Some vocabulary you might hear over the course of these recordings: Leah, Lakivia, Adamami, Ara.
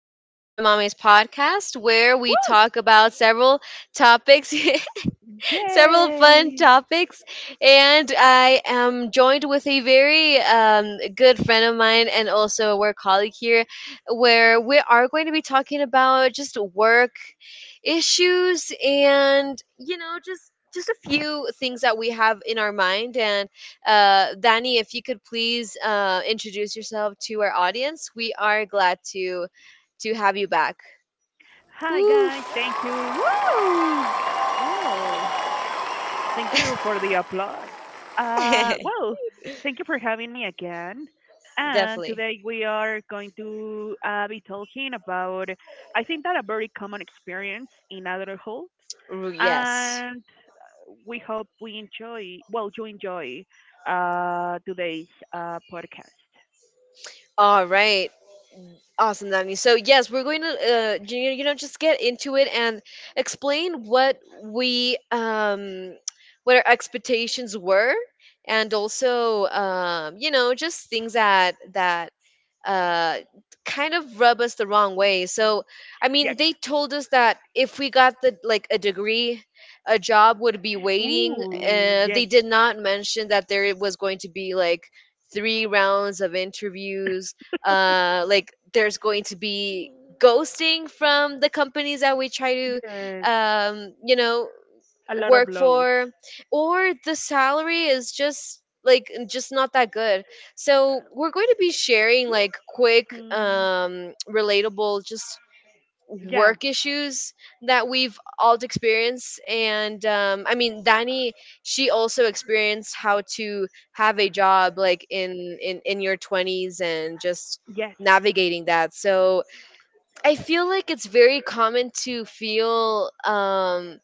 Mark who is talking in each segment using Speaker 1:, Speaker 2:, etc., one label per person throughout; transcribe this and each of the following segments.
Speaker 1: to Adamami's podcast, where we
Speaker 2: Woo!
Speaker 1: talk about several topics, several fun
Speaker 2: Yay!
Speaker 1: topics. And I am joined with a very good friend of mine and also a work colleague here, where we are going to be talking about just work issues and just a few things that we have in our mind. And Danny, if you could please introduce yourself to our audience. We are glad to have you back.
Speaker 2: Hi guys, thank
Speaker 1: Woof.
Speaker 2: you. Woo! Oh, thank you for the applause. Uh, well, thank you for having me again. And today
Speaker 1: Definitely.
Speaker 2: we are going to be talking about, I think, that a very common experience in adulthood,
Speaker 1: Yes.
Speaker 2: and we hope we enjoy, well, you enjoy today's podcast.
Speaker 1: All right. Awesome, Danny. So yes, we're going to just get into it and explain what we what our expectations were, and also just things that uh kind of rub us the wrong way. So I mean,
Speaker 2: Yes.
Speaker 1: they told us that if we got the like a degree, a job would be waiting.
Speaker 2: Ooh,
Speaker 1: They
Speaker 2: yes.
Speaker 1: did not mention that there was going to be like three rounds of interviews, like there's going to be ghosting from the companies that we try to,
Speaker 2: Yes.
Speaker 1: um you know
Speaker 2: A lot
Speaker 1: work
Speaker 2: of lows.
Speaker 1: for, or the salary is just like just not that good. So we're going to be sharing like quick
Speaker 2: Hmm.
Speaker 1: relatable just
Speaker 2: Yeah.
Speaker 1: work issues that we've all experienced. And I mean, Danny, she also experienced how to have a job like in your 20s and just
Speaker 2: Yes.
Speaker 1: navigating that. So I feel like it's very common to feel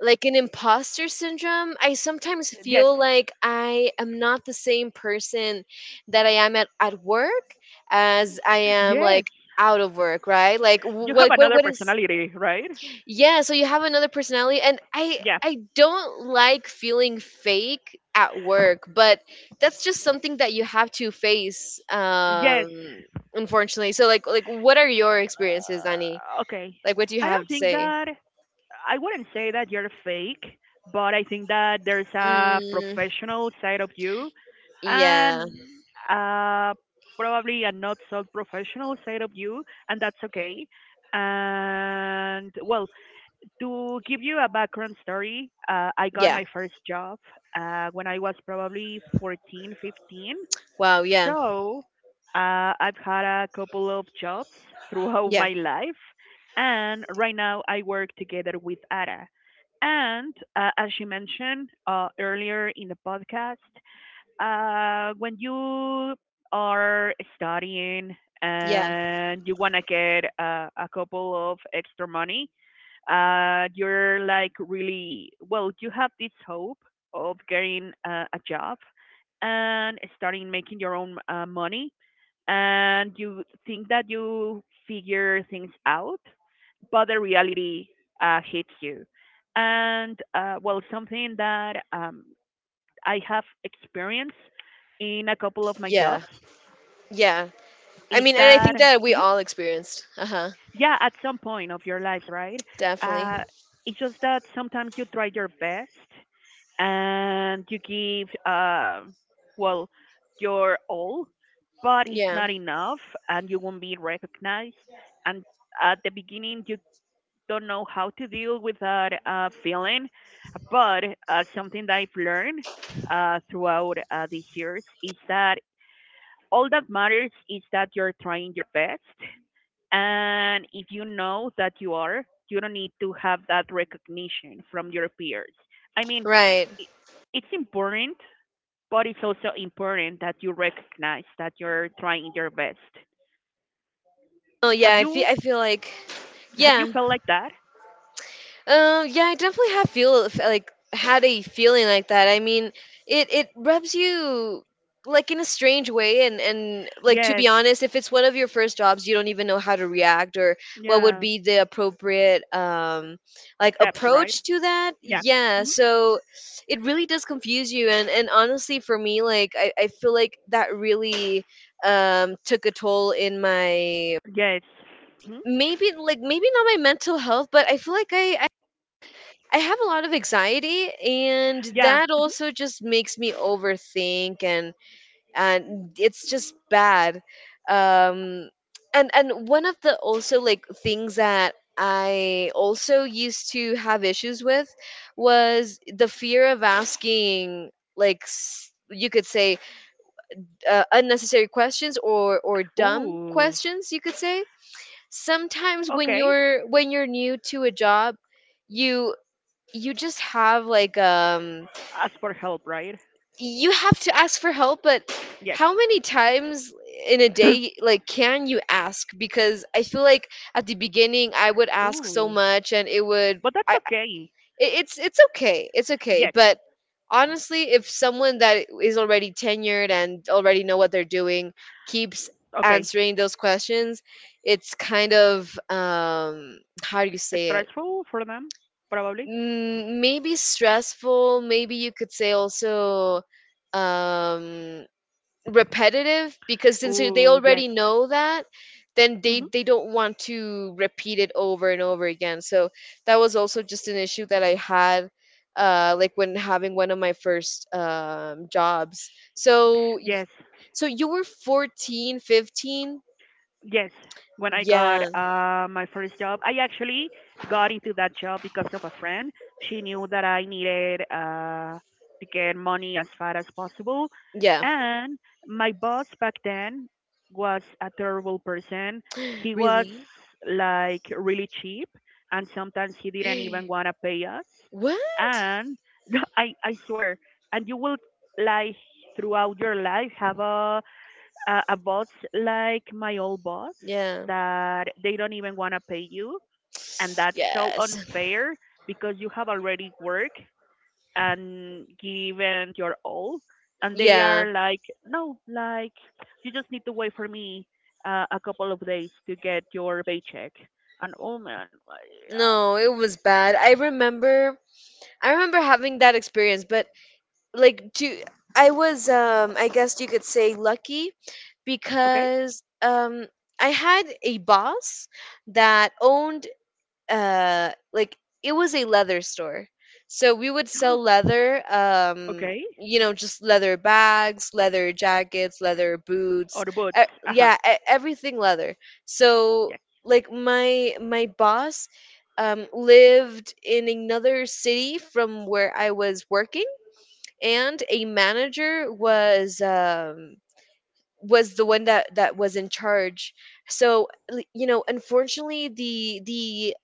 Speaker 1: like an imposter syndrome. I sometimes
Speaker 2: Yes.
Speaker 1: feel like I am not the same person that I am at work as I am
Speaker 2: Yes.
Speaker 1: like out of work, right? Like
Speaker 2: You have
Speaker 1: what what,
Speaker 2: another
Speaker 1: what is.
Speaker 2: personality, right?
Speaker 1: Yeah, so you have another personality, and I
Speaker 2: Yeah.
Speaker 1: I don't like feeling fake at work, but that's just something that you have to face,
Speaker 2: Yes.
Speaker 1: unfortunately. So like what are your experiences, Danny?
Speaker 2: Okay.
Speaker 1: Like what do you
Speaker 2: I
Speaker 1: have
Speaker 2: don't
Speaker 1: to
Speaker 2: think
Speaker 1: say?
Speaker 2: that I wouldn't say that you're fake, but I think that there's a
Speaker 1: Mm,
Speaker 2: professional side of you,
Speaker 1: yeah.
Speaker 2: and uh, probably a not so professional side of you, and that's okay. And well, to give you a background story, I got
Speaker 1: Yeah.
Speaker 2: my first job when I was probably 14, 15.
Speaker 1: Wow, yeah.
Speaker 2: So I've had a couple of jobs throughout
Speaker 1: Yeah.
Speaker 2: my life. And right now I work together with Ara. And as she mentioned earlier in the podcast, when you are studying
Speaker 1: Yeah.
Speaker 2: and you want to get a couple of extra money, you're like, really, well, you have this hope of getting a job and starting making your own money, and you think that you figure things out, but the reality hits you. And well, something that I have experienced in a couple of my jobs
Speaker 1: Yeah. Yeah. I
Speaker 2: is
Speaker 1: mean, and I think
Speaker 2: that
Speaker 1: that we
Speaker 2: Mhm.
Speaker 1: all experienced. Uh-huh.
Speaker 2: yeah, at some point of your life, right?
Speaker 1: Definitely.
Speaker 2: uh it's just that sometimes you try your best and you give, well, your all, but it's
Speaker 1: Yeah.
Speaker 2: not enough, and you won't be recognized. And at the beginning you don't know how to deal with that feeling, but something that I've learned throughout these years is that all that matters is that you're trying your best, and if you know that you are, you don't need to have that recognition from your peers. I mean,
Speaker 1: Right.
Speaker 2: i- it's important, but it's also important that you recognize that you're trying your best.
Speaker 1: Oh yeah,
Speaker 2: Have you
Speaker 1: I feel like
Speaker 2: have you
Speaker 1: yeah.
Speaker 2: felt like that?
Speaker 1: Yeah, I definitely have like had a feeling like that. I mean, it rubs you like in a strange way. And like to be
Speaker 2: Yes.
Speaker 1: honest, if it's one of your first jobs, you don't even know how to react or what would
Speaker 2: Yeah.
Speaker 1: be the appropriate like
Speaker 2: Steps, right?
Speaker 1: approach to that.
Speaker 2: Yeah.
Speaker 1: Yeah,
Speaker 2: Hmm.
Speaker 1: so it really does confuse you. And honestly, for me, like I feel like that really took a toll in my,
Speaker 2: Yes. Hmm.
Speaker 1: maybe like maybe not my mental health, but I feel like I have a lot of anxiety, and
Speaker 2: Yeah.
Speaker 1: that also just makes me overthink, and it's just bad. Um, and one of the also like things that I also used to have issues with was the fear of asking, you could say, unnecessary questions, or dumb
Speaker 2: Ooh.
Speaker 1: questions, you could say. Sometimes when
Speaker 2: Okay.
Speaker 1: you're new to a job, you just have like
Speaker 2: Ask for help, right?
Speaker 1: you have to ask for help. But
Speaker 2: Yes.
Speaker 1: how many times in a day like can you ask? Because I feel like at the beginning, I would ask so
Speaker 2: Ooh.
Speaker 1: much, and it would.
Speaker 2: But
Speaker 1: i
Speaker 2: that's okay.
Speaker 1: it- it's it's okay, it's okay.
Speaker 2: Yes.
Speaker 1: But honestly, if someone that is already tenured and already know what they're doing keeps
Speaker 2: Okay.
Speaker 1: answering those questions, it's kind of, how do you say.
Speaker 2: Stressful for them, probably.
Speaker 1: Mm, maybe stressful. Maybe you could say also um repetitive, because since they
Speaker 2: Oh,
Speaker 1: already
Speaker 2: yes.
Speaker 1: know that, then they
Speaker 2: Hmm.
Speaker 1: they don't want to repeat it over and over again. So that was also just an issue that I had, like when having one of my first jobs. So
Speaker 2: Yes.
Speaker 1: so you were 14, 15.
Speaker 2: Yes, when I got
Speaker 1: Yeah.
Speaker 2: my first job, I actually got into that job because of a friend. She knew that I needed to get money as far as possible.
Speaker 1: Yeah.
Speaker 2: And my boss back then was a terrible person. He was,
Speaker 1: Really?
Speaker 2: like, really cheap, and sometimes he didn't even want to pay us.
Speaker 1: What?
Speaker 2: And I swear, and you will, like, throughout your life have a bots like my old boss,
Speaker 1: Yeah.
Speaker 2: that they don't even want to pay you, and that's so
Speaker 1: Yes.
Speaker 2: unfair, because you have already worked and given your all, and they
Speaker 1: Yeah.
Speaker 2: are like, no, like, you just need to wait for me a couple of days to get your paycheck. And oh man, I, um,
Speaker 1: No, it was bad. I remember, I remember having that experience, but like to I was I guess you could say lucky,
Speaker 2: okay,
Speaker 1: because I had a boss that owned, like it was a leather store, so we would sell leather,
Speaker 2: okay,
Speaker 1: you know, just leather bags, leather jackets, leather
Speaker 2: or
Speaker 1: boots,
Speaker 2: the bots,
Speaker 1: uh,
Speaker 2: uh huh,
Speaker 1: yeah, everything leather. So
Speaker 2: yeah,
Speaker 1: like my boss lived in another city from where I was working, and a manager was, was the one that was in charge. So you know, unfortunately, the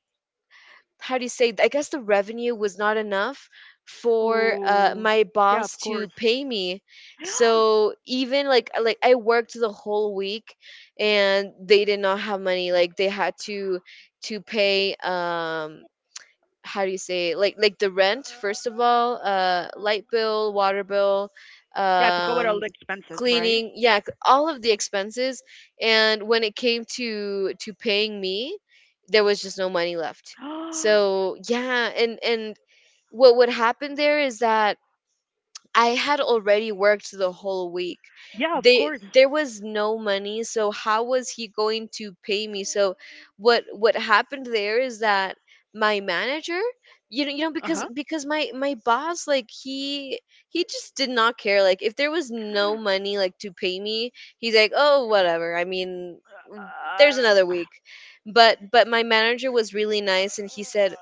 Speaker 1: how do you say I guess the revenue was not enough for
Speaker 2: oh
Speaker 1: my
Speaker 2: yeah, of
Speaker 1: boss
Speaker 2: course.
Speaker 1: to pay me. So even like, like I worked the whole week and they did not have money, like they had to pay, how do you say like the rent, first of all, light bill, water bill,
Speaker 2: Yeah, to cover all the
Speaker 1: um
Speaker 2: expenses, right?
Speaker 1: cleaning, yeah, all of the expenses. And when it came to paying me, there was just no money left. So yeah. And what would happen there is that I had already worked the whole week.
Speaker 2: yeah, of
Speaker 1: They
Speaker 2: course.
Speaker 1: There was no money, so how was he going to pay me? So what happened there is that my manager, you know
Speaker 2: Uh
Speaker 1: because
Speaker 2: huh.
Speaker 1: my my boss, like he just did not care. Like if there was no money like to pay me, he's like, "Oh, whatever. I mean, w- there's another
Speaker 2: Uh,
Speaker 1: week." But my manager was really nice and he said,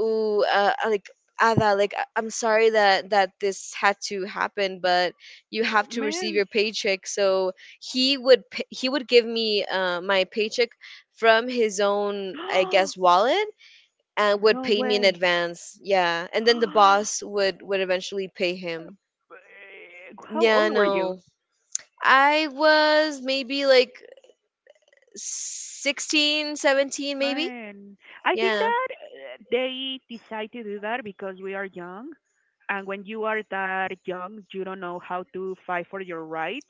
Speaker 1: "Ooh, like Ada, like I'm sorry that this had to happen, but you have to receive
Speaker 2: Man.
Speaker 1: your paycheck." So he would he would give me, my paycheck from his own, I guess, wallet, and would
Speaker 2: No
Speaker 1: pay me in
Speaker 2: way.
Speaker 1: advance. Yeah, and then the boss would eventually pay him.
Speaker 2: How
Speaker 1: Yeah,
Speaker 2: old were you?
Speaker 1: no, I was maybe like 16, 17, maybe.
Speaker 2: Man, I think
Speaker 1: Yeah,
Speaker 2: that they decide to do that because we are young, and when you are that young, you don't know how to fight for your rights.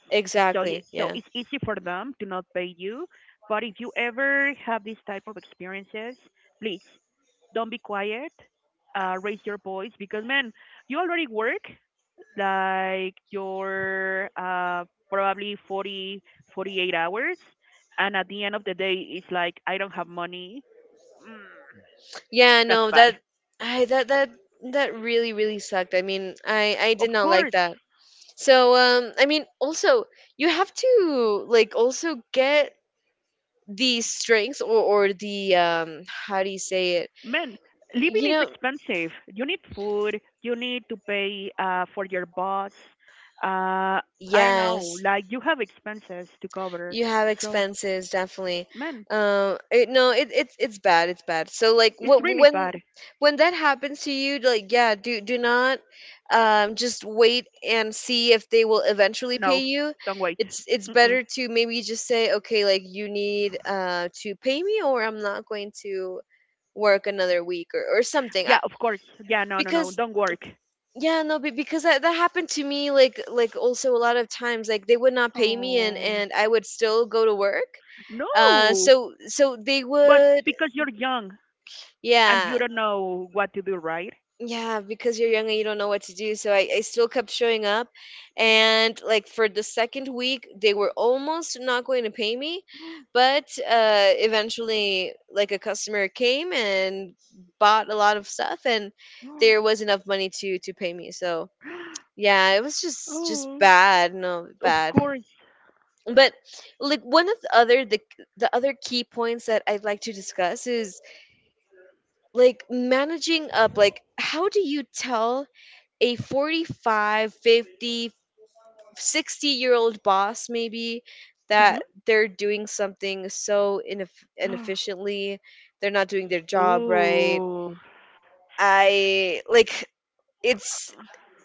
Speaker 2: So,
Speaker 1: exactly.
Speaker 2: so
Speaker 1: Yeah.
Speaker 2: it's easy for them to not pay you. But if you ever have this type of experiences, please don't be quiet. Raise your voice, because man, you already work like your probably 40, 48 hours, and at the end of the day, it's like, I don't have money.
Speaker 1: Yeah,
Speaker 2: That's
Speaker 1: no,
Speaker 2: bad.
Speaker 1: that. I that that that really really sucked. I mean, I
Speaker 2: Of
Speaker 1: did not like
Speaker 2: course,
Speaker 1: that. So, I mean, also you have to like also get the strengths, or the, how do you say it?
Speaker 2: man, living
Speaker 1: You
Speaker 2: is
Speaker 1: know,
Speaker 2: expensive. You need food. You need to pay for your bus. Uh, I don't know.
Speaker 1: yes,
Speaker 2: Like, you have expenses to cover.
Speaker 1: you have
Speaker 2: So,
Speaker 1: expenses, definitely.
Speaker 2: man,
Speaker 1: It, no it, it's bad, it's bad. So like
Speaker 2: it's
Speaker 1: what
Speaker 2: really bad.
Speaker 1: when that happens to you, like yeah, do not just wait and see if they will eventually
Speaker 2: No,
Speaker 1: pay you.
Speaker 2: don't wait.
Speaker 1: It's
Speaker 2: Mm-mm.
Speaker 1: better to maybe just say, okay, like you need to pay me, or I'm not going to work another week, or something.
Speaker 2: Yeah, of course. Yeah, no, no, no.
Speaker 1: Because
Speaker 2: Don't work.
Speaker 1: yeah, no, be- because that happened to me like also a lot of times, like they would not pay me,
Speaker 2: Um,
Speaker 1: and I would still go to work.
Speaker 2: no.
Speaker 1: So so they
Speaker 2: But
Speaker 1: would
Speaker 2: because you're young, and
Speaker 1: Yeah,
Speaker 2: you don't know what to do, right?
Speaker 1: yeah, because you're young and you don't know what to do. So I still kept showing up, and like for the second week they were almost not going to pay me, but eventually like a customer came and bought a lot of stuff, and there was enough money to pay me. So yeah, it was just
Speaker 2: Oh,
Speaker 1: bad, no
Speaker 2: of
Speaker 1: bad.
Speaker 2: course.
Speaker 1: But like one of the other key points that I'd like to discuss is like managing up, like how do you tell a 45, 50, 60 year old boss maybe
Speaker 2: Mm-hmm.
Speaker 1: that they're doing something so inefficiently, they're not doing their job right.
Speaker 2: Oh,
Speaker 1: I like it's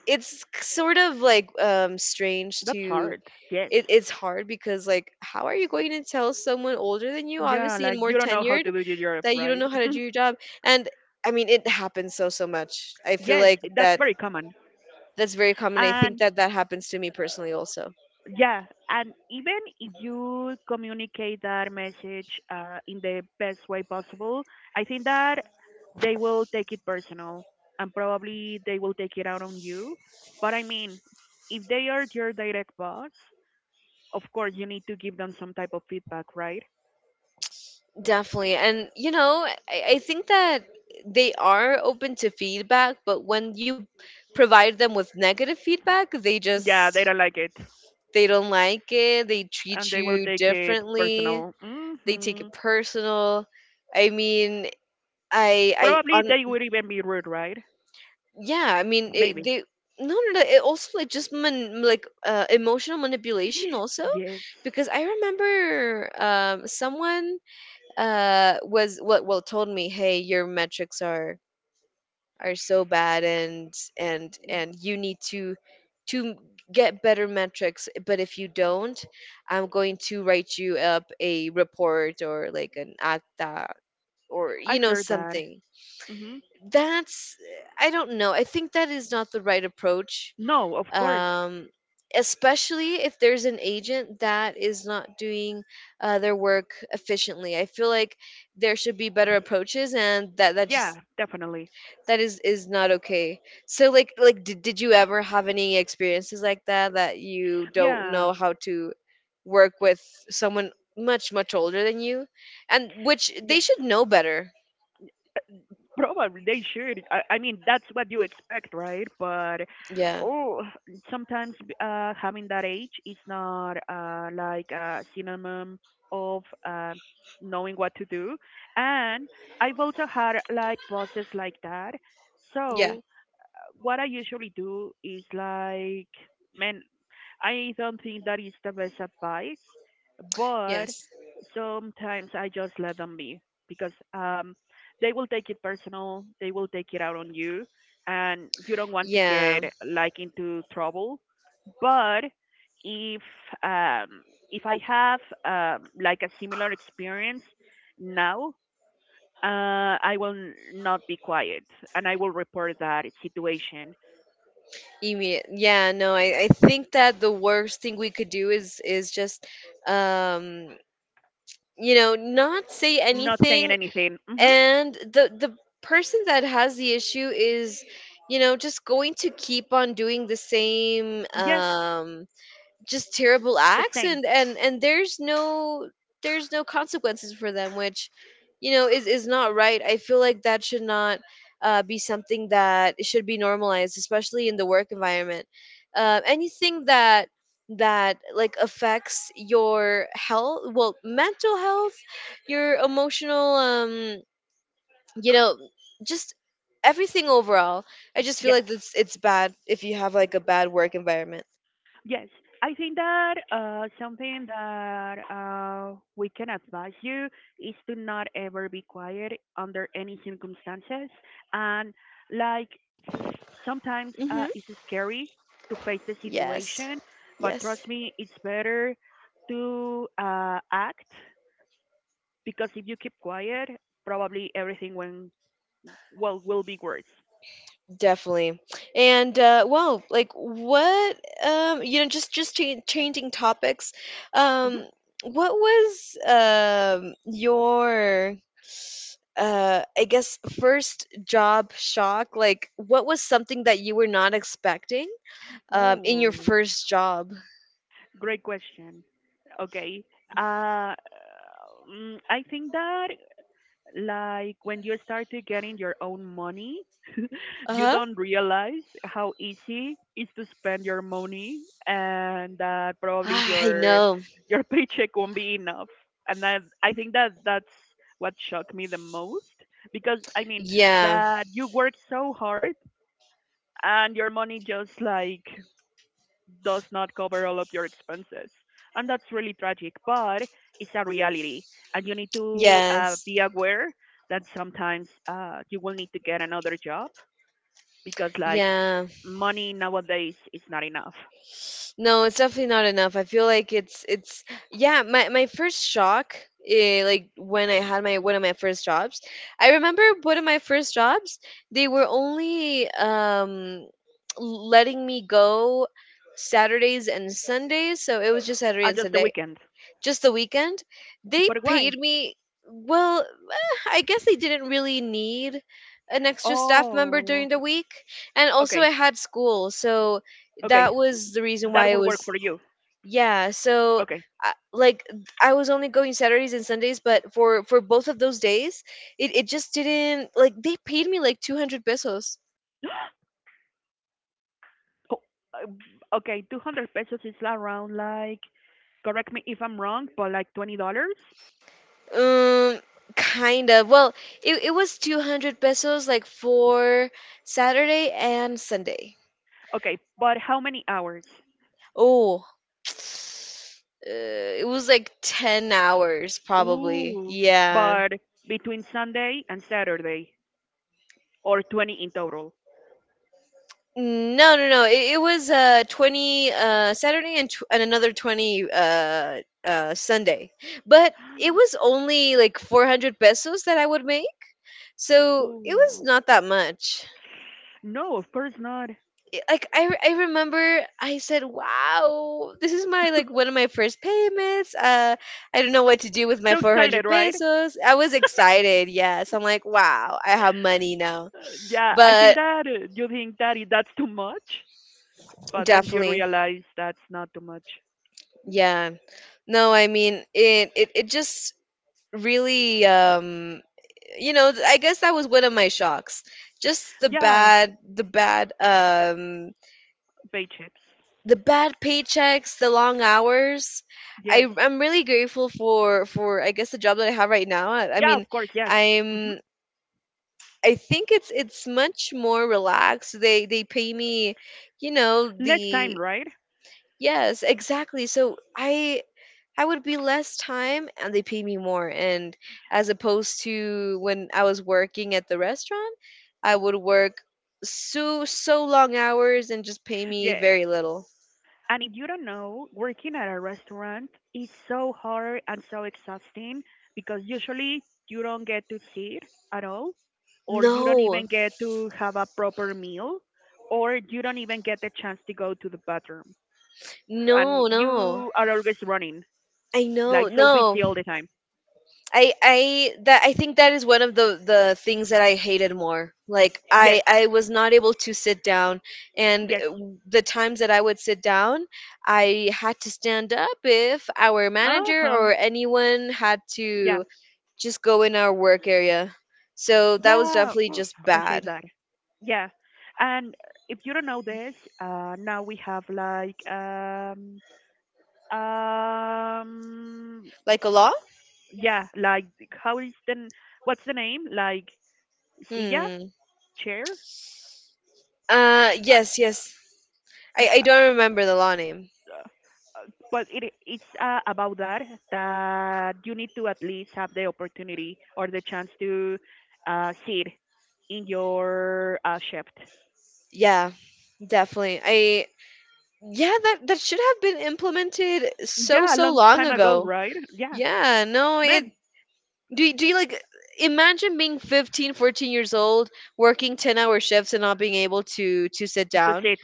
Speaker 1: it's sort of like strange
Speaker 2: that's
Speaker 1: to,
Speaker 2: hard. Yes.
Speaker 1: it's hard, because like how are you going to tell someone older than you,
Speaker 2: Yeah,
Speaker 1: obviously,
Speaker 2: like,
Speaker 1: and
Speaker 2: you
Speaker 1: more
Speaker 2: don't know how to
Speaker 1: tenured,
Speaker 2: do your job,
Speaker 1: that you
Speaker 2: right?
Speaker 1: don't know how to do your job? And I mean, it happens so so much, I feel
Speaker 2: Yes,
Speaker 1: like
Speaker 2: that's
Speaker 1: that.
Speaker 2: very common.
Speaker 1: That's very common, I think
Speaker 2: And
Speaker 1: that that happens to me personally also.
Speaker 2: yeah, and even if you communicate that message in the best way possible, I think that they will take it personal, and probably they will take it out on you. But I mean, if they are your direct boss, of course you need to give them some type of feedback, right?
Speaker 1: Definitely. And you know I think that they are open to feedback, but when you provide them with negative feedback, they
Speaker 2: Yeah, they
Speaker 1: just,
Speaker 2: don't like it.
Speaker 1: they don't like it, they
Speaker 2: And
Speaker 1: treat
Speaker 2: they will
Speaker 1: you
Speaker 2: take it
Speaker 1: differently,
Speaker 2: personal.
Speaker 1: they take
Speaker 2: Hmm.
Speaker 1: it personal. I mean, I
Speaker 2: Probably
Speaker 1: on
Speaker 2: they would even be rude, right?
Speaker 1: yeah, I mean
Speaker 2: Maybe.
Speaker 1: they, no it also like just man, like, emotional manipulation also,
Speaker 2: Yes,
Speaker 1: because I remember someone, was what, well told me, hey, your metrics are so bad, and and you need to to get better metrics, but if you don't, I'm going to write you up a report or like an acta, or you
Speaker 2: I've
Speaker 1: know
Speaker 2: heard that.
Speaker 1: something.
Speaker 2: Hmm.
Speaker 1: That's, I don't know, I think that is not the right approach,
Speaker 2: No, of course.
Speaker 1: um especially if there's an agent that is not doing their work efficiently. I feel like there should be better approaches, and that just,
Speaker 2: Yeah, definitely.
Speaker 1: that is not okay. So did you ever have any experiences like that, that you don't
Speaker 2: Yeah,
Speaker 1: know how to work with someone much much older than you, and which they
Speaker 2: yes.
Speaker 1: should know better?
Speaker 2: Probably they should. I mean, that's what you expect, right? But
Speaker 1: Yeah.
Speaker 2: oh, sometimes having that age is not, like, a synonym of, uh, knowing what to do. And I've also had like bosses like that.
Speaker 1: Yeah.
Speaker 2: So what I usually do is, like, man, I don't think that is the best advice, but
Speaker 1: Yes.
Speaker 2: sometimes I just let them be, because they will take it personal, they will take it out on you, and you don't want to
Speaker 1: Yeah.
Speaker 2: get, like, into trouble. But if um, if I have, like, a similar experience now, I will not be quiet and I will report that situation,
Speaker 1: Immediate. Yeah, no, I think that the worst thing we could do is just um not say
Speaker 2: not saying
Speaker 1: anything,
Speaker 2: anything. Hmm.
Speaker 1: and the person that has the issue is, you know, just going to keep on doing the same
Speaker 2: Yes,
Speaker 1: just terrible
Speaker 2: the
Speaker 1: acts,
Speaker 2: same.
Speaker 1: and and there's no consequences for them, which, you know, is not right. I feel like that should not be something that should be normalized, especially in the work environment. Anything that like affects your health, well, mental health, your emotional, you know just everything overall. I just feel
Speaker 2: Yes.
Speaker 1: like it's bad if you have like a bad work environment.
Speaker 2: Yes, I think that something that we can advise you is to not ever be quiet under any circumstances. And, like, sometimes it's scary to face the
Speaker 1: Yes.
Speaker 2: situation, but
Speaker 1: Yes.
Speaker 2: trust me, it's better to act, because if you keep quiet, probably everything, when well, will be worse.
Speaker 1: Definitely. And well, like what, just changing topics.
Speaker 2: Mhm.
Speaker 1: Um what was your, I guess, first job shock? Like what was something that you were not expecting in your
Speaker 2: Oh,
Speaker 1: first job?
Speaker 2: great question. Okay. Uh, I think that, like, when you start to getting your own money, you
Speaker 1: Uh-huh.
Speaker 2: don't realize how easy it is to spend your money, and that probably
Speaker 1: I
Speaker 2: your
Speaker 1: know.
Speaker 2: your paycheck won't be enough. And that, I think, that that's what shocked me the most, because I mean,
Speaker 1: Yeah.
Speaker 2: that you work so hard and your money just, like, does not cover all of your expenses. And that's really tragic, but it's a reality. And you need to
Speaker 1: Yes.
Speaker 2: be aware that sometimes, you will need to get another job, because, like,
Speaker 1: Yeah.
Speaker 2: money nowadays is not enough.
Speaker 1: No, it's definitely not enough. I feel like it's yeah, my first shock, like when I had my one of my first jobs. I remember one of my first jobs, they were only letting me go Saturdays and Sundays, so it was just Saturday and
Speaker 2: Just the
Speaker 1: Sunday,
Speaker 2: weekend.
Speaker 1: just the weekend they
Speaker 2: But
Speaker 1: paid
Speaker 2: why?
Speaker 1: me. Well, I guess they didn't really need an extra staff member
Speaker 2: Oh,
Speaker 1: during the week, and also I
Speaker 2: okay.
Speaker 1: had school, so
Speaker 2: Okay.
Speaker 1: that was the reason why
Speaker 2: That
Speaker 1: it
Speaker 2: would work
Speaker 1: was.
Speaker 2: for you.
Speaker 1: Yeah, so
Speaker 2: Okay.
Speaker 1: like I was only going Saturdays and Sundays, but for both of those days it just didn't, like, they paid me like 200 pesos.
Speaker 2: Oh, um, okay. 200 pesos is around, like, correct me if I'm wrong, but like $20.
Speaker 1: um Kind of, well, it was 200 pesos like for Saturday and Sunday.
Speaker 2: Okay. But how many hours?
Speaker 1: Oh, uh, it was like 10 hours probably.
Speaker 2: Ooh.
Speaker 1: Yeah.
Speaker 2: But between Sunday and Saturday, or 20 in total.
Speaker 1: No, no, no. It was 20 Saturday, and another 20, Sunday. But it was only like 400 pesos that I would make. So it was
Speaker 2: Ooh.
Speaker 1: not that much.
Speaker 2: No, of course not.
Speaker 1: Like, I remember I said, "Wow, this is my, like, one of my first payments. I don't know what to do with my
Speaker 2: So excited,
Speaker 1: 400
Speaker 2: right?
Speaker 1: pesos." I was excited. Yes, I'm like, "Wow, I have money now."
Speaker 2: Yeah, I think
Speaker 1: But
Speaker 2: that you think that, that's too much, but then you
Speaker 1: definitely,
Speaker 2: realize that's not too much.
Speaker 1: yeah. No, I mean, it just really, I guess that was one of my shocks. Just
Speaker 2: Yeah,
Speaker 1: the bad,
Speaker 2: bay chips.
Speaker 1: the bad paychecks, the long hours.
Speaker 2: Yes.
Speaker 1: I'm really grateful for I guess the job that I have right now. I
Speaker 2: Yeah, of
Speaker 1: mean,
Speaker 2: course, yes. Hmm.
Speaker 1: I'm I think it's much more relaxed. They pay me, you know,
Speaker 2: Less time,
Speaker 1: the—
Speaker 2: right?
Speaker 1: yes, exactly. So I would be less time and they pay me more, and as opposed to when I was working at the restaurant, I would work so long hours and just pay me
Speaker 2: Yeah.
Speaker 1: very little.
Speaker 2: And if you don't know, working at a restaurant is so hard and so exhausting, because usually you don't get to sit at all, or you don't
Speaker 1: No,
Speaker 2: even get to have a proper meal, or you don't even get the chance to go to the bathroom.
Speaker 1: no,
Speaker 2: And
Speaker 1: no.
Speaker 2: you are always running,
Speaker 1: I know.
Speaker 2: like, so
Speaker 1: No.
Speaker 2: busy all the time.
Speaker 1: I that I think that is one of the things that I hated more. Like
Speaker 2: Yes,
Speaker 1: I was not able to sit down, and
Speaker 2: yes.
Speaker 1: the times that I would sit down, I had to stand up if our
Speaker 2: Uh
Speaker 1: manager
Speaker 2: huh.
Speaker 1: or anyone had
Speaker 2: Yeah,
Speaker 1: to just go in our work area. So that was
Speaker 2: yeah.
Speaker 1: definitely
Speaker 2: Oof,
Speaker 1: just
Speaker 2: I say
Speaker 1: bad.
Speaker 2: that. Yeah. And if you don't know this, now we have, like, Um,
Speaker 1: Like a law?
Speaker 2: yeah, like, how is the what's the name? Like, silla,
Speaker 1: Hmm.
Speaker 2: chair.
Speaker 1: Yes, yes.
Speaker 2: Uh,
Speaker 1: I
Speaker 2: uh,
Speaker 1: don't remember the law name.
Speaker 2: but it's about that you need to at least have the opportunity or the chance to sit in your shift.
Speaker 1: Yeah, definitely. I. Yeah, that that should have been implemented so
Speaker 2: Yeah, a long
Speaker 1: long
Speaker 2: time ago,
Speaker 1: ago.
Speaker 2: right? Yeah,
Speaker 1: Yeah, no,
Speaker 2: man,
Speaker 1: it— do do you like imagine being 15, 14 years old, working 10-hour shifts and not being able to sit
Speaker 2: the
Speaker 1: down?
Speaker 2: seat.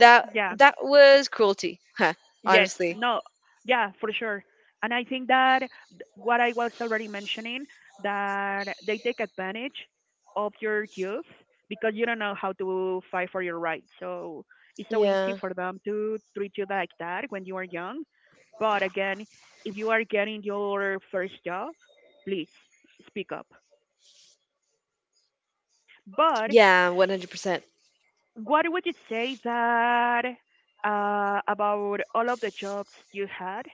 Speaker 1: That
Speaker 2: Yeah.
Speaker 1: that was cruelty. Huh,
Speaker 2: Yes,
Speaker 1: honestly.
Speaker 2: no, yeah, for sure. And I think that, what I was already mentioning, that they take advantage of your youth, because you don't know how to fight for your rights. So it's so easy
Speaker 1: Yeah.
Speaker 2: for them to treat you like that when you are young. But again, if you are getting your first job, please speak up. But
Speaker 1: Yeah, 100%.
Speaker 2: what would you say that, about all of the jobs you had?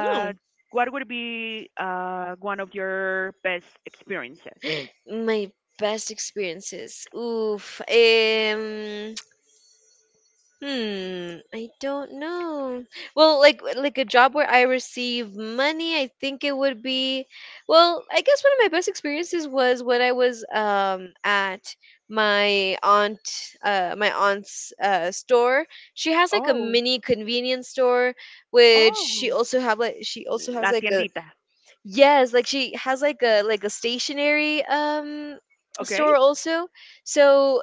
Speaker 1: Oh,
Speaker 2: what would be one of your best experiences?
Speaker 1: my best experiences. Oof. I don't know. Well, like a job where I receive money, I think it would be, well, I guess one of my best experiences was when I was at my aunt my aunt's store. She has like a
Speaker 2: Oh,
Speaker 1: mini convenience store, which she
Speaker 2: oh,
Speaker 1: also has
Speaker 2: la
Speaker 1: like a—
Speaker 2: tiendita.
Speaker 1: yes, like she has like a stationary
Speaker 2: Okay.
Speaker 1: store also. So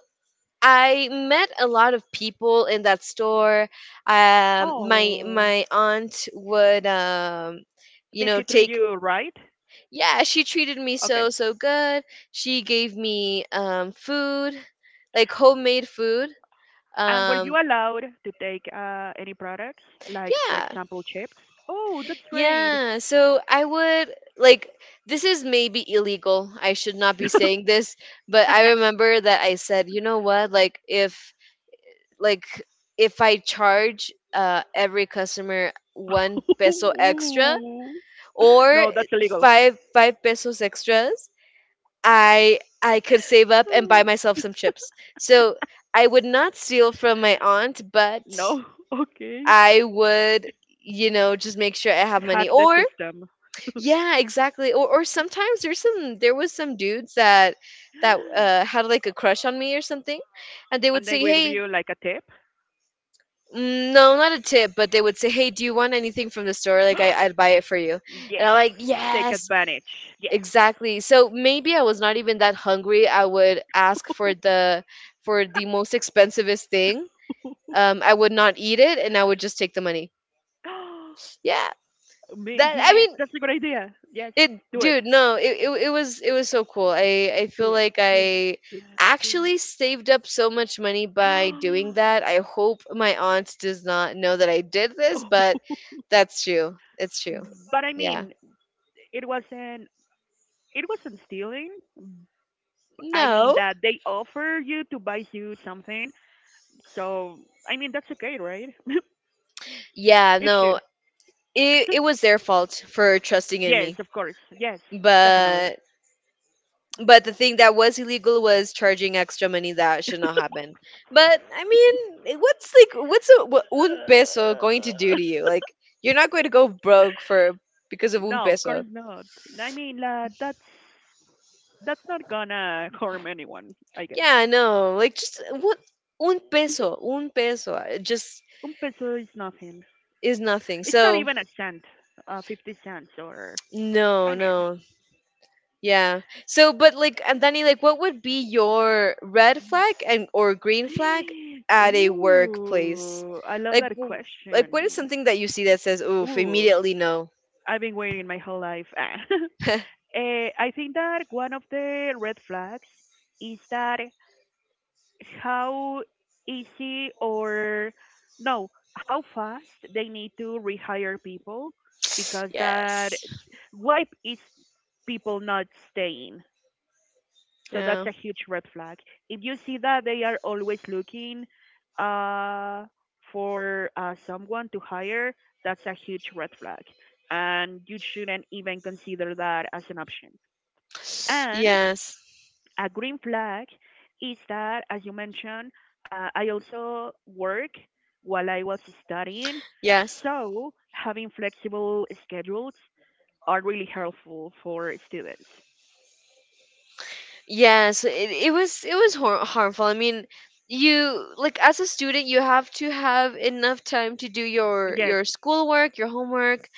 Speaker 1: I met a lot of people in that store. My
Speaker 2: Oh,
Speaker 1: my aunt would,
Speaker 2: did she treat
Speaker 1: take—
Speaker 2: you right?
Speaker 1: yeah, she treated me
Speaker 2: Okay.
Speaker 1: so good. She gave me food, like homemade food.
Speaker 2: And were you
Speaker 1: Um,
Speaker 2: allowed to take any products, like, for
Speaker 1: yeah,
Speaker 2: example, chips? Oh, that's great.
Speaker 1: yeah. So I would like— this is maybe illegal, I should not be saying this, but I remember that I said, you know what? Like, like if I charge every customer one peso extra,
Speaker 2: Ooh. No,
Speaker 1: or
Speaker 2: that's illegal.
Speaker 1: five pesos extras, I could save up and buy myself some chips. So I would not steal from my aunt, but
Speaker 2: No. Okay.
Speaker 1: I would, you know, just make sure I have
Speaker 2: Hack
Speaker 1: money.
Speaker 2: the
Speaker 1: Or
Speaker 2: system,
Speaker 1: yeah, exactly. Or sometimes there's some there was some dudes that had like a crush on me or something, and they
Speaker 2: and
Speaker 1: would
Speaker 2: they
Speaker 1: say,
Speaker 2: will give
Speaker 1: "Hey—"
Speaker 2: you like a tip.
Speaker 1: Mm, no, not a tip, but they would say, "Hey, do you want anything from the store? Like, I'd buy it for you."
Speaker 2: Yes.
Speaker 1: And I'm like,
Speaker 2: Take
Speaker 1: "Yes,
Speaker 2: advantage. Yes.
Speaker 1: exactly." So maybe I was not even that hungry. I would ask for the— for the most expensivest thing. I would not eat it, and I would just take the money. Yeah,
Speaker 2: Man,
Speaker 1: that. I
Speaker 2: yes,
Speaker 1: mean,
Speaker 2: that's a good idea. Yes,
Speaker 1: it—
Speaker 2: do it.
Speaker 1: dude, no, it was so cool. I
Speaker 2: Do
Speaker 1: feel
Speaker 2: it.
Speaker 1: like
Speaker 2: Do it.
Speaker 1: I
Speaker 2: Do it. Do
Speaker 1: actually
Speaker 2: it.
Speaker 1: saved up so much money by doing that. I hope my aunt does not know that I did this, but
Speaker 2: Oh.
Speaker 1: that's true. It's true.
Speaker 2: But I mean,
Speaker 1: Yeah.
Speaker 2: it wasn't it wasn't stealing. I mean,
Speaker 1: No.
Speaker 2: that they offer you to buy you something. So, I mean, that's okay, right?
Speaker 1: Yeah,
Speaker 2: It should.
Speaker 1: no. It was their fault for trusting in
Speaker 2: Yes, of
Speaker 1: me.
Speaker 2: course. Yes, definitely.
Speaker 1: But— but the thing that was illegal was charging extra money. That should not happen. But I mean, what's a un peso going to do to you? Like you're not going to go broke for because of un
Speaker 2: No, of course
Speaker 1: peso.
Speaker 2: not. I mean, that's, not gonna harm anyone, I guess.
Speaker 1: Yeah, I know. Like, just what, un peso, it just
Speaker 2: Un peso is nothing.
Speaker 1: is nothing.
Speaker 2: It's not
Speaker 1: So
Speaker 2: even a cent, 50 cents, or.
Speaker 1: no,
Speaker 2: I
Speaker 1: no. Yeah. So, but like, Anthony, like, what would be your red flag and or green flag
Speaker 2: mean.
Speaker 1: at a workplace?
Speaker 2: Ooh, I love
Speaker 1: Like,
Speaker 2: that
Speaker 1: what is
Speaker 2: question.
Speaker 1: something that you see that says, "Oof,
Speaker 2: Ooh,
Speaker 1: immediately no."
Speaker 2: I've been waiting my whole life. I think that one of the red flags is that, how easy or no, how fast they need to rehire people, because that,
Speaker 1: yes.
Speaker 2: why is people not staying? So that's
Speaker 1: Yeah.
Speaker 2: a huge red flag. If you see that they are always looking uh, for someone to hire, that's a huge red flag. And you shouldn't even consider that as an option. And
Speaker 1: Yes.
Speaker 2: a green flag is that, as you mentioned, I also work while I was studying.
Speaker 1: Yes.
Speaker 2: So having flexible schedules are really helpful for students.
Speaker 1: Yes. It was harmful. I mean, you like as a student, you have to have enough time to do your
Speaker 2: Yes.
Speaker 1: schoolwork, your homework.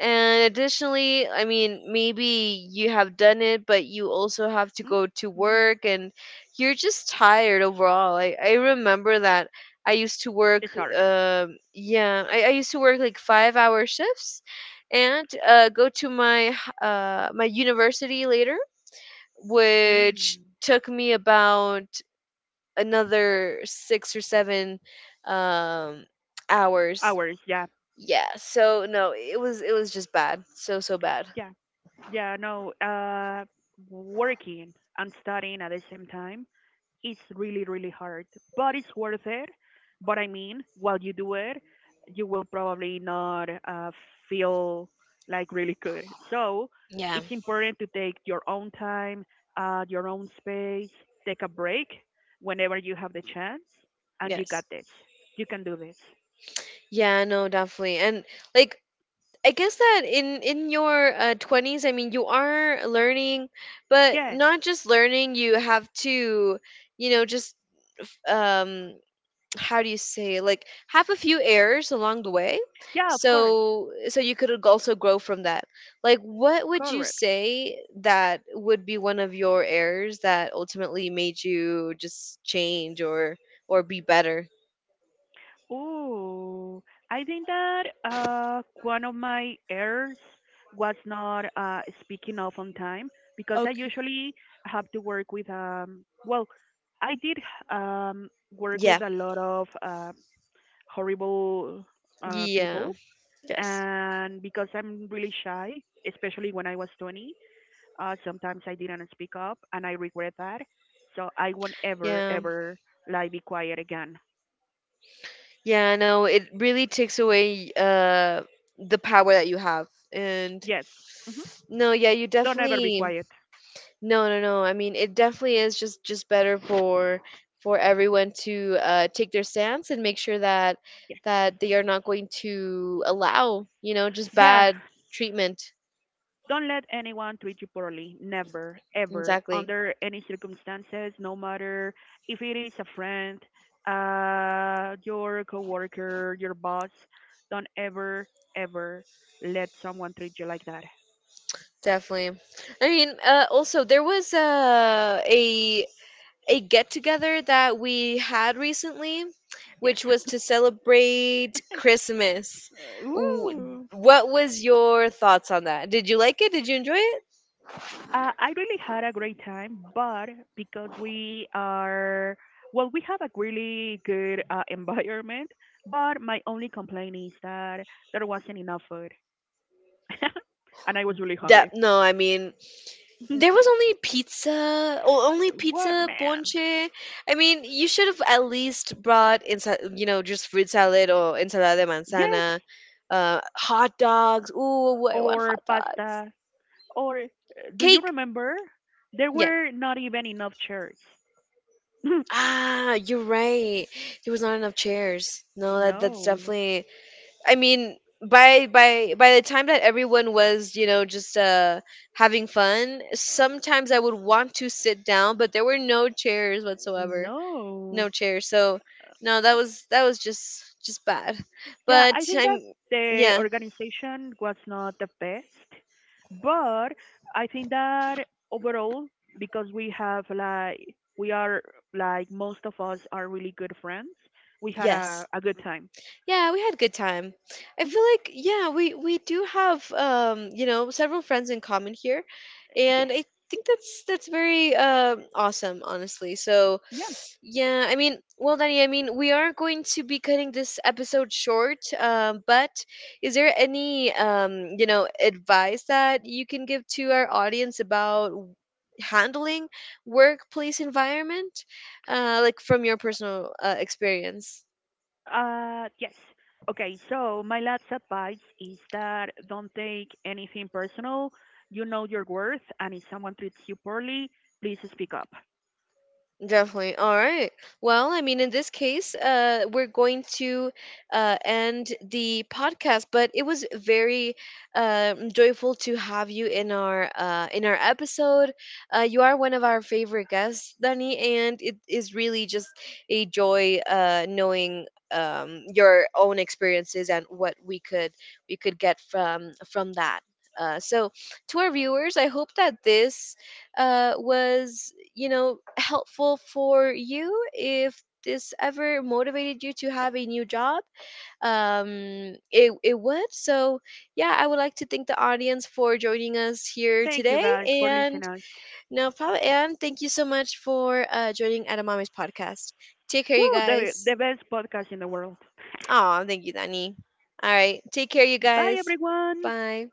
Speaker 1: And additionally, I mean, maybe you have done it, but you also have to
Speaker 2: Mm.
Speaker 1: go to
Speaker 2: Mm.
Speaker 1: work, and you're just tired overall. I remember that I used to work,
Speaker 2: It's hard.
Speaker 1: yeah, I used to work like 5 hour shifts and go to my university later,
Speaker 2: Ooh.
Speaker 1: which took me about another 6 or 7, um, hours.
Speaker 2: Hours, yeah.
Speaker 1: Yeah, so no, it was just bad. So so bad.
Speaker 2: Yeah. Yeah, no, Working and studying at the same time, it's really, really hard, but it's worth it. But I mean, while you do it, you will probably not feel, like, really good. So
Speaker 1: Yeah.
Speaker 2: it's important to take your own time, your own space, take a break whenever you have the chance, and you
Speaker 1: Yes.
Speaker 2: got this. You can do this.
Speaker 1: Yeah, no, definitely. And like I guess that in your 20s, I mean, you are learning, but
Speaker 2: Yes.
Speaker 1: not just learning, you have to, you know, just f- how do you say, like have a few errors along the way.
Speaker 2: Yeah, of course.
Speaker 1: So you could also grow from that. Like what would you
Speaker 2: Correct.
Speaker 1: say that would be one of your errors that ultimately made you just change or be better?
Speaker 2: Oh, I think that one of my errors was not speaking up on time, because I
Speaker 1: Okay.
Speaker 2: usually have to work with. Well, I did um work
Speaker 1: Yeah.
Speaker 2: with a lot of horrible
Speaker 1: Yeah.
Speaker 2: people,
Speaker 1: Yes.
Speaker 2: and because I'm really shy, especially when I was 20, sometimes I didn't speak up, and I regret that. So I won't ever,
Speaker 1: Yeah.
Speaker 2: ever lie, be quiet again.
Speaker 1: Yeah. No, it really takes away the power that you have. And
Speaker 2: Yes. Mm-hmm.
Speaker 1: no, yeah, you
Speaker 2: Don't ever be
Speaker 1: definitely—
Speaker 2: quiet.
Speaker 1: no, no, no. I mean, it definitely is just better for everyone to take their stance and make sure that
Speaker 2: Yes.
Speaker 1: they are not going to allow, you know, just
Speaker 2: Yeah.
Speaker 1: bad treatment.
Speaker 2: Don't let anyone treat you poorly. Never, ever,
Speaker 1: Exactly.
Speaker 2: under any circumstances, no matter if it is a friend, your coworker, your boss. Don't ever, ever let someone treat you like that.
Speaker 1: Definitely. I mean, also there was a get together that we had recently, which
Speaker 2: Yes.
Speaker 1: was to celebrate Christmas. W-
Speaker 2: Woo.
Speaker 1: What was your thoughts on that? Did you like it? Did you enjoy it?
Speaker 2: I really had a great time, but because we are, well, we have a really good, environment, but my only complaint is that there wasn't enough food. And I was really hungry.
Speaker 1: That no, I mean, there was only pizza, or only
Speaker 2: What,
Speaker 1: pizza
Speaker 2: man?
Speaker 1: ponche. I mean, you should have at least brought you know, just fruit salad or ensalada de
Speaker 2: Yes,
Speaker 1: manzana, hot dogs. Ooh, I want
Speaker 2: or
Speaker 1: hot dogs.
Speaker 2: pasta. Or, do you
Speaker 1: Cake.
Speaker 2: remember? There
Speaker 1: Yeah.
Speaker 2: were not even enough chairs.
Speaker 1: Ah, you're right. There was not enough chairs. No, that that's
Speaker 2: No,
Speaker 1: definitely— I mean, by the time that everyone was, you know, just having fun, sometimes I would want to sit down, but there were no chairs whatsoever.
Speaker 2: no.
Speaker 1: No chairs. So, no, that was just bad.
Speaker 2: Yeah,
Speaker 1: But
Speaker 2: I think that
Speaker 1: I'm—
Speaker 2: the
Speaker 1: yeah,
Speaker 2: organization was not the best, but I think that overall, because we have, like, we are, like, most of us are really good friends, we had a,
Speaker 1: yes.
Speaker 2: a good time.
Speaker 1: Yeah, we had a good time. I
Speaker 2: Hmm.
Speaker 1: feel like yeah, we do have, several friends in common here,
Speaker 2: Yes.
Speaker 1: and I think that's very awesome, honestly. So
Speaker 2: Yeah.
Speaker 1: yeah, I mean, well, Danny, I mean, we are going to be cutting this episode short. But is there any, advice that you can give to our audience about handling workplace environment, like from your personal experience?
Speaker 2: Yes. Okay, so my last advice is that don't take anything personal. You know your worth, and if someone treats you poorly, please speak up.
Speaker 1: Definitely. All right. Well, I mean, in this case, we're going to end the podcast, but it was very, joyful to have you in our, in our episode. You are one of our favorite guests, Dani, and it is really just a joy, knowing, your own experiences and what we could— we could get from that. So, to our viewers, I hope that this, was, you know, helpful for you. If this ever motivated you to have a new job, um it would. So yeah, I would like to thank the audience for joining us here
Speaker 2: Thank
Speaker 1: today.
Speaker 2: you guys for
Speaker 1: And
Speaker 2: listening. Us.
Speaker 1: no problem, and thank you so much for joining Adamami's podcast. Take care, you
Speaker 2: Woo, the,
Speaker 1: guys.
Speaker 2: the best podcast in the world.
Speaker 1: Oh, thank you, Danny. All right, take care, you
Speaker 2: Bye,
Speaker 1: guys.
Speaker 2: everyone.
Speaker 1: Bye.